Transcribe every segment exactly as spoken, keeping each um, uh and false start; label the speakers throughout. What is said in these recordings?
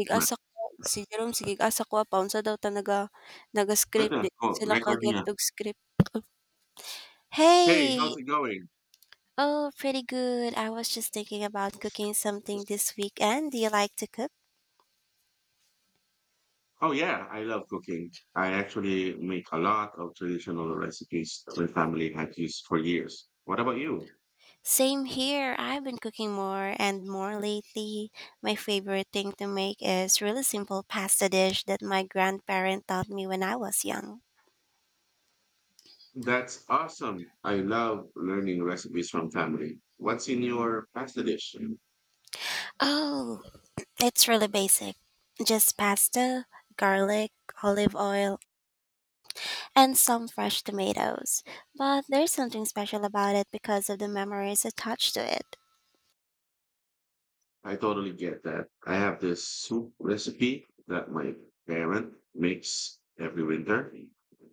Speaker 1: Gig
Speaker 2: My
Speaker 1: asa ko si Jerome sige asa ko apaon sa daw ta naga naga-script
Speaker 2: brother,
Speaker 1: di
Speaker 2: oh,
Speaker 1: sila
Speaker 2: recording.
Speaker 1: kaget
Speaker 2: ah.
Speaker 1: og script.
Speaker 2: Hey,
Speaker 1: Hey!
Speaker 2: how's it going?
Speaker 1: Oh, pretty good. I was just thinking about cooking something this weekend. Do you like to cook?
Speaker 2: Oh yeah, I love cooking. I actually make a lot of traditional recipes my family has used for years. What about you?
Speaker 1: Same here. I've been cooking more and more lately. My favorite thing to make is really simple pasta dish that my grandparent taught me when I was young.
Speaker 2: That's awesome. I love learning recipes from family. What's in your pasta dish?
Speaker 1: Oh, it's really basic. Just pasta, garlic, olive oil, and some fresh tomatoes. But there's something special about it because of the memories attached to it.
Speaker 2: I totally get that. I have this soup recipe that my parent makes every winter.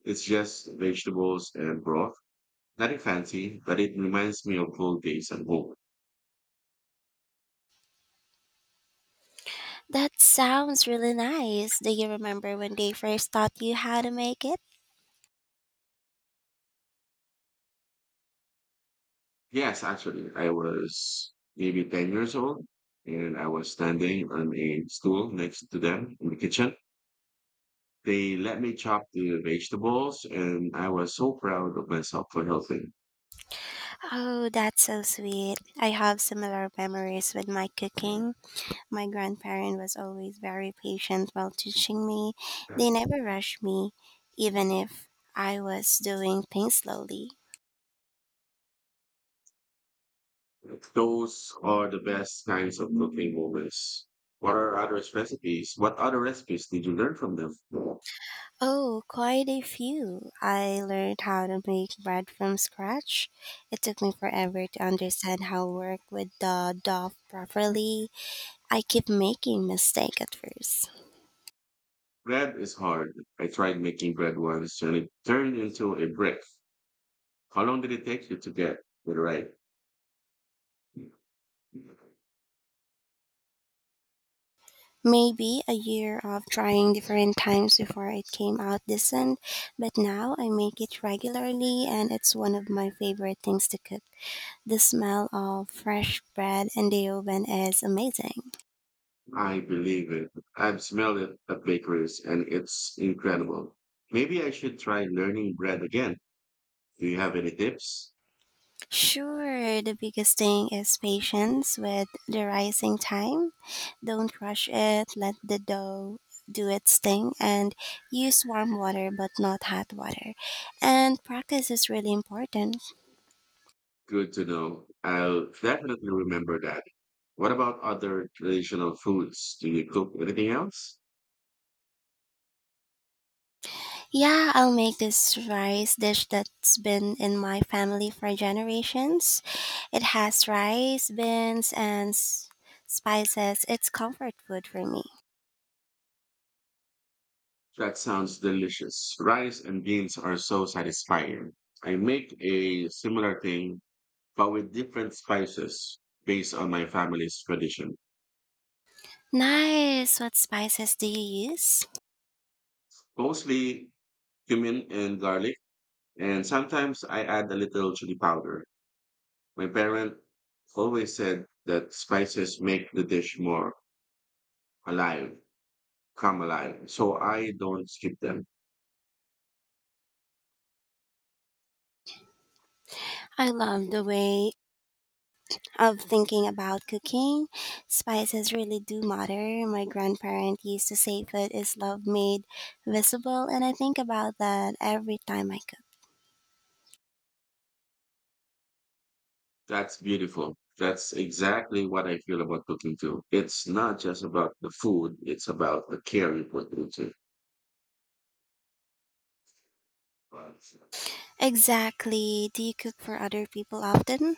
Speaker 2: It's just vegetables and broth. Nothing fancy, but it reminds me of old days at home.
Speaker 1: That sounds really nice. Do you remember when they first taught you how to make it?
Speaker 2: Yes, actually, I was maybe ten years old and I was standing on a stool next to them in the kitchen. They let me chop the vegetables and I was so proud of myself for helping.
Speaker 1: Oh, that's so sweet. I have similar memories with my cooking. My grandparent was always very patient while teaching me. They never rushed me, even if I was doing things slowly.
Speaker 2: Those are the best kinds of cooking moments. What are other recipes? What other recipes did you learn from them?
Speaker 1: Oh, quite a few. I learned how to make bread from scratch. It took me forever to understand how to work with the dough properly. I kept making mistakes at first.
Speaker 2: Bread is hard. I tried making bread once and it turned into a brick. How long did it take you to get it right?
Speaker 1: Maybe a year of trying different times before it came out decent, but now I make it regularly and it's one of my favorite things to cook. The smell of fresh bread in the oven is amazing.
Speaker 2: I believe it. I've smelled it at bakeries and it's incredible. Maybe I should try learning bread again. Do you have any tips?
Speaker 1: Sure, the biggest thing is patience with the rising time. Don't rush it, let the dough do its thing, and use warm water but not hot water. And practice is really important.
Speaker 2: Good to know. I'll definitely remember that. What about other traditional foods? Do you cook anything else?
Speaker 1: Yeah, I'll make this rice dish that's been in my family for generations. It has rice, beans, and s- spices. It's comfort food for me.
Speaker 2: That sounds delicious. Rice and beans are so satisfying. I make a similar thing, but with different spices based on my family's tradition.
Speaker 1: Nice. What spices do you use?
Speaker 2: Mostly cumin and garlic, and sometimes I add a little chili powder. My parent always said that spices make the dish more alive, come alive, so I don't skip them.
Speaker 1: I love the way of thinking about cooking. Spices really do matter. My grandparent used to say food is love made visible, and I think about that every time I cook.
Speaker 2: That's beautiful. That's exactly what I feel about cooking too. It's not just about the food, it's about the care you put into it.
Speaker 1: Exactly. Do you cook for other people often?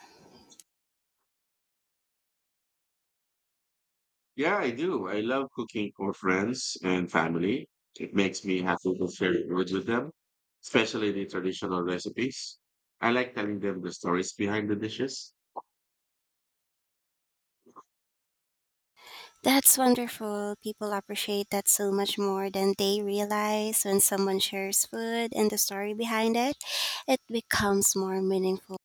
Speaker 2: Yeah, I do. I love cooking for friends and family. It makes me happy to share it with them, especially the traditional recipes. I like telling them the stories behind the dishes.
Speaker 1: That's wonderful. People appreciate that so much more than they realize when someone shares food and the story behind it. It becomes more meaningful.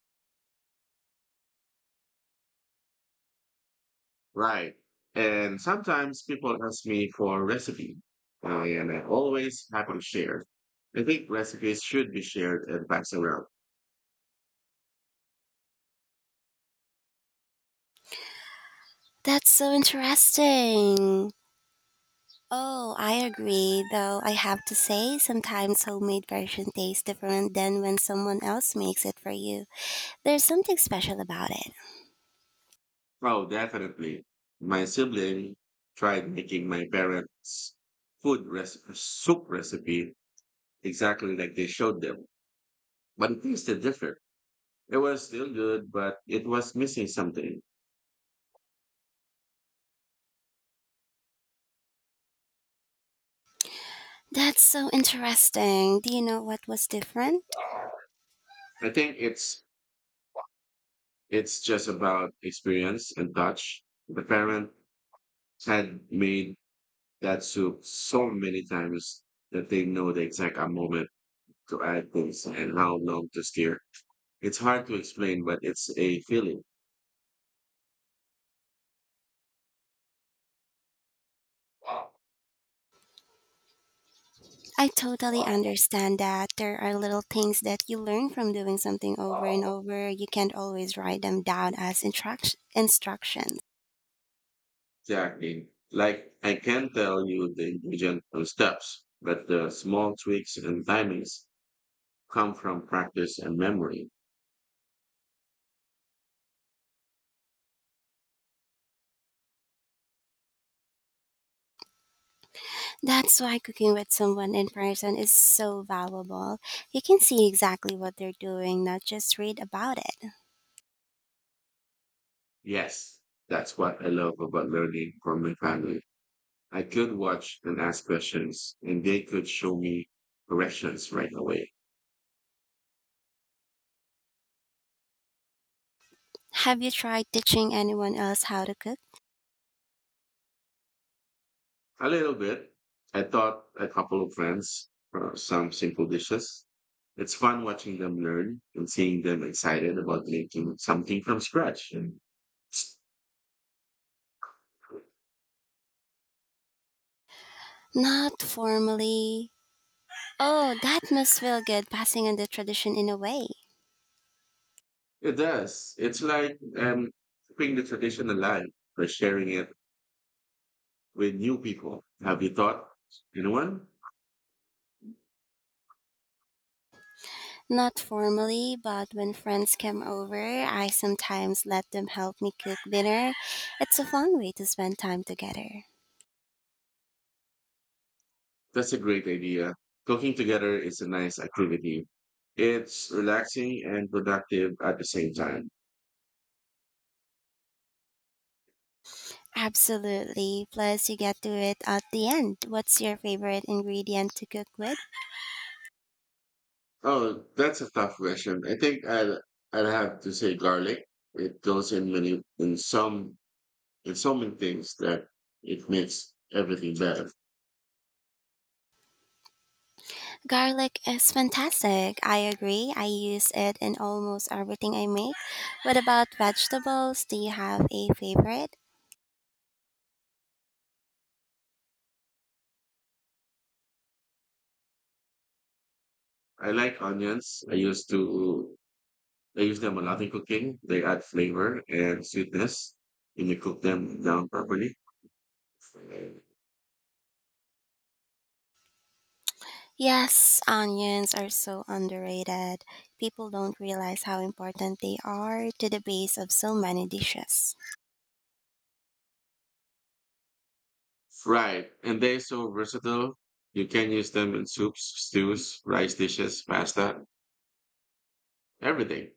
Speaker 2: Right. And sometimes people ask me for a recipe, uh, and I always happy to share. I think recipes should be shared and passed around.
Speaker 1: That's so interesting. Oh, I agree, though I have to say sometimes homemade version tastes different than when someone else makes it for you. There's something special about it.
Speaker 2: Oh, definitely. My sibling tried making my parents' food recipe, soup recipe exactly like they showed them, but it tasted different. It was still good, but it was missing something.
Speaker 1: That's so interesting. Do you know what was different?
Speaker 2: I think it's it's just about experience and touch. The parent had made that soup so many times that they know the exact moment to add things and how long to stir. It's hard to explain, but it's a feeling.
Speaker 1: I totally understand that there are little things that you learn from doing something over and over. You can't always write them down as instruct- instructions.
Speaker 2: Exactly. Like I can tell you the ingredient and steps, but the small tweaks and timings come from practice and memory.
Speaker 1: That's why cooking with someone in person is so valuable. You can see exactly what they're doing, not just read about it.
Speaker 2: Yes, that's what I love about learning from my family. I could watch and ask questions, and they could show me corrections right away.
Speaker 1: Have you tried teaching anyone else how to cook?
Speaker 2: A little bit. I taught a couple of friends uh, some simple dishes. It's fun watching them learn and seeing them excited about making something from scratch.
Speaker 1: Not formally. Oh, that must feel good passing on the tradition in a way.
Speaker 2: It does. It's like um, keeping the tradition alive by sharing it with new people. Have you thought anyone?
Speaker 1: Not formally, but when friends come over, I sometimes let them help me cook dinner. It's a fun way to spend time together.
Speaker 2: That's a great idea. Cooking together is a nice activity. It's relaxing and productive at the same time.
Speaker 1: Absolutely. Plus, you get to it at the end. What's your favorite ingredient to cook with?
Speaker 2: Oh, that's a tough question. I think I'll I'll have to say garlic. It goes in many in some in so many things that it makes everything better.
Speaker 1: Garlic is fantastic. I agree. I use it in almost everything I make. What about vegetables? Do you have a favorite?
Speaker 2: I like onions. I used to I use them a lot in cooking. They add flavor and sweetness when you cook them down properly.
Speaker 1: Yes, onions are so underrated. People don't realize how important they are to the base of so many dishes.
Speaker 2: Right. And they're so versatile. You can use them in soups, stews, rice dishes, pasta, everything.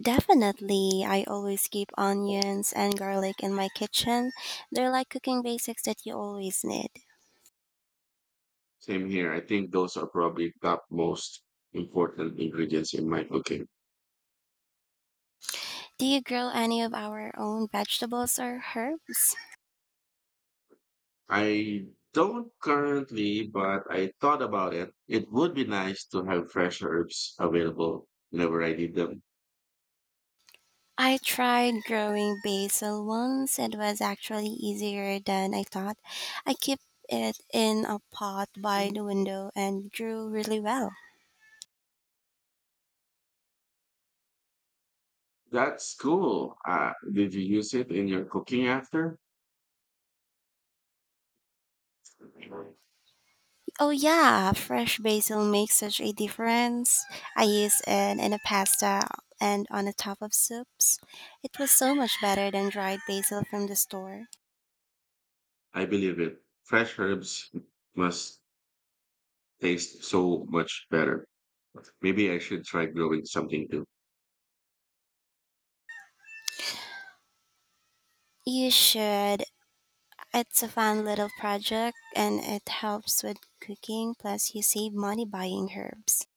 Speaker 1: Definitely, I always keep onions and garlic in my kitchen. They're like cooking basics that you always need.
Speaker 2: Same here. I think those are probably top most important ingredients in my cooking.
Speaker 1: Do you grow any of our own vegetables or herbs?
Speaker 2: I don't currently, but I thought about it. It would be nice to have fresh herbs available whenever I need them.
Speaker 1: I tried growing basil once. It was actually easier than I thought. I kept it in a pot by the window and grew really well.
Speaker 2: That's cool. Uh, did you use it in your cooking after?
Speaker 1: Oh yeah, fresh basil makes such a difference. I use it in a pasta and on the top of soups. It was so much better than dried basil from the store.
Speaker 2: I believe it. Fresh herbs must tastes so much better. Maybe I should try growing something too.
Speaker 1: You should. It's a fun little project and it helps with cooking plus you save money buying herbs.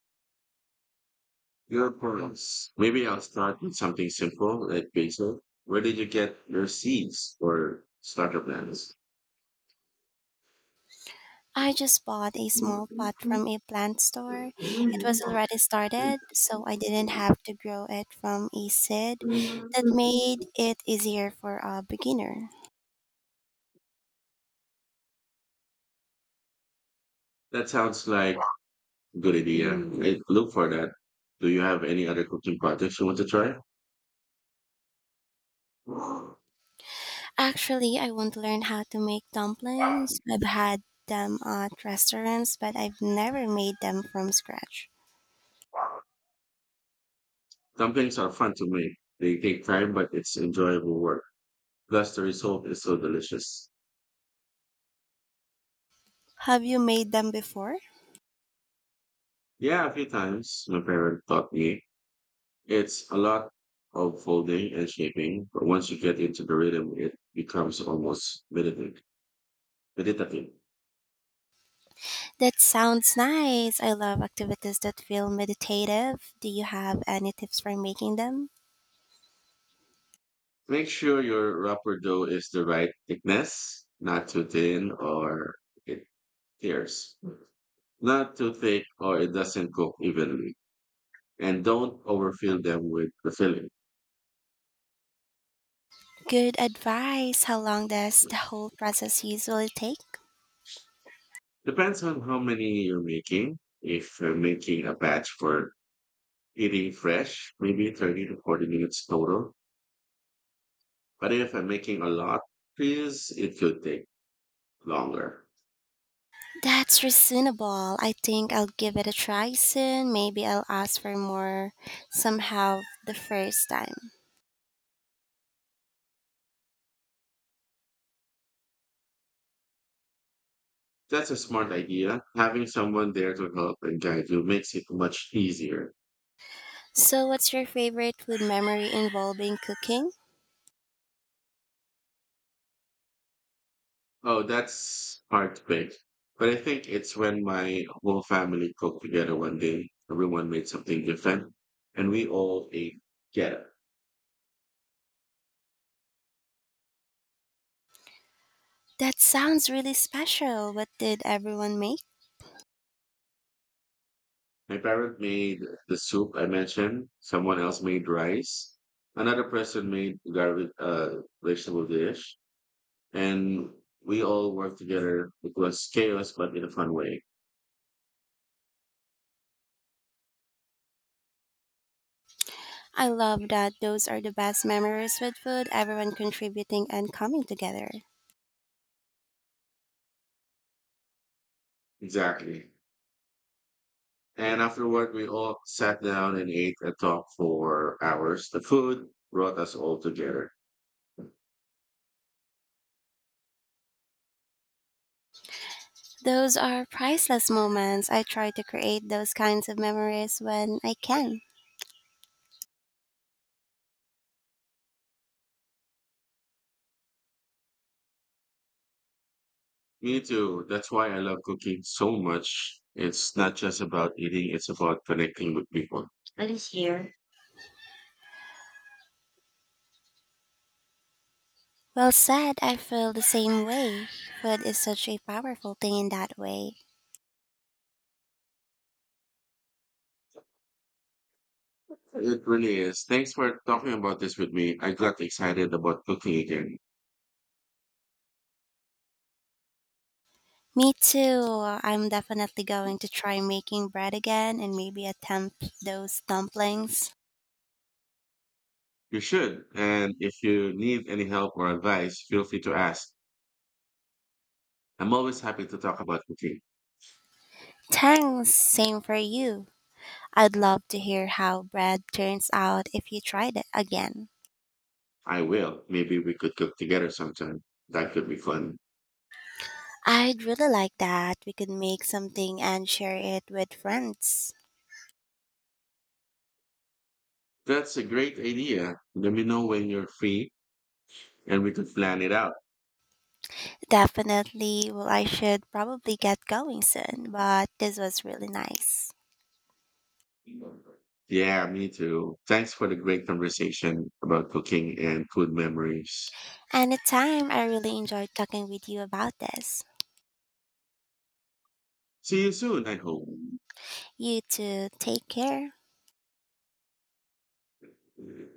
Speaker 2: Your pearls. Maybe I'll start with something simple like basil. Where did you get your seeds or starter plants?
Speaker 1: I just bought a small pot from a plant store. It was already started, so I didn't have to grow it from a seed. That made it easier for a beginner.
Speaker 2: That sounds like a good idea. I look for that. Do you have any other cooking projects you want to try?
Speaker 1: Actually, I want to learn how to make dumplings. I've had them at restaurants, but I've never made them from scratch.
Speaker 2: Dumplings are fun to make. They take time, but it's enjoyable work. Plus, the result is so delicious.
Speaker 1: Have you made them before?
Speaker 2: Yeah, a few times my parents taught me. It's a lot of folding and shaping, but once you get into the rhythm, it becomes almost meditative. meditative.
Speaker 1: That sounds nice. I love activities that feel meditative. Do you have any tips for making them?
Speaker 2: Make sure your wrapper dough is the right thickness, not too thin or it tears, not too thick or it doesn't cook evenly. And don't overfill them with the filling.
Speaker 1: Good advice. How long does the whole process usually take?
Speaker 2: Depends on how many you're making. If you're making a batch for eating fresh, maybe thirty to forty minutes total. But if I'm making a lot, please, it could take longer.
Speaker 1: That's reasonable. I think I'll give it a try soon. Maybe I'll ask for more somehow the first time.
Speaker 2: That's a smart idea. Having someone there to help and guide you makes it much easier.
Speaker 1: So, what's your favorite food memory involving cooking?
Speaker 2: Oh, that's hard to pick. But I think it's when my whole family cooked together one day, everyone made something different, and we all ate together.
Speaker 1: That sounds really special. What did everyone make?
Speaker 2: My parent made the soup I mentioned, someone else made rice, another person made garlic uh, vegetable dish, and we all worked together. It was chaos, but in a fun way.
Speaker 1: I love that those are the best memories with food, everyone contributing and coming together.
Speaker 2: Exactly. And afterward, we all sat down and ate and talked for hours. The food brought us all together.
Speaker 1: Those are priceless moments. I try to create those kinds of memories when I can.
Speaker 2: Me too. That's why I love cooking so much. It's not just about eating, it's about connecting with people. I think
Speaker 1: Well said, I feel the same way. Food is such a powerful thing in that way.
Speaker 2: it really is. Thanks for talking about this with me. I got excited about cooking again.
Speaker 1: Me too. I'm definitely going to try making bread again and maybe attempt those dumplings.
Speaker 2: You should. And if you need any help or advice, feel free to ask. I'm always happy to talk about cooking.
Speaker 1: Thanks, same for you. I'd love to hear how bread turns out if you tried it again.
Speaker 2: I will. Maybe we could cook together sometime. That could be fun.
Speaker 1: I'd really like that. We could make something and share it with friends.
Speaker 2: That's a great idea. Let me know when you're free and we could plan it out.
Speaker 1: Definitely, well, I should probably get going soon, but this was really nice.
Speaker 2: Yeah, me too. Thanks for the great conversation about cooking and food memories.
Speaker 1: Anytime, I really enjoyed talking with you about this.
Speaker 2: See you soon, I hope.
Speaker 1: You too, take care.
Speaker 2: Man,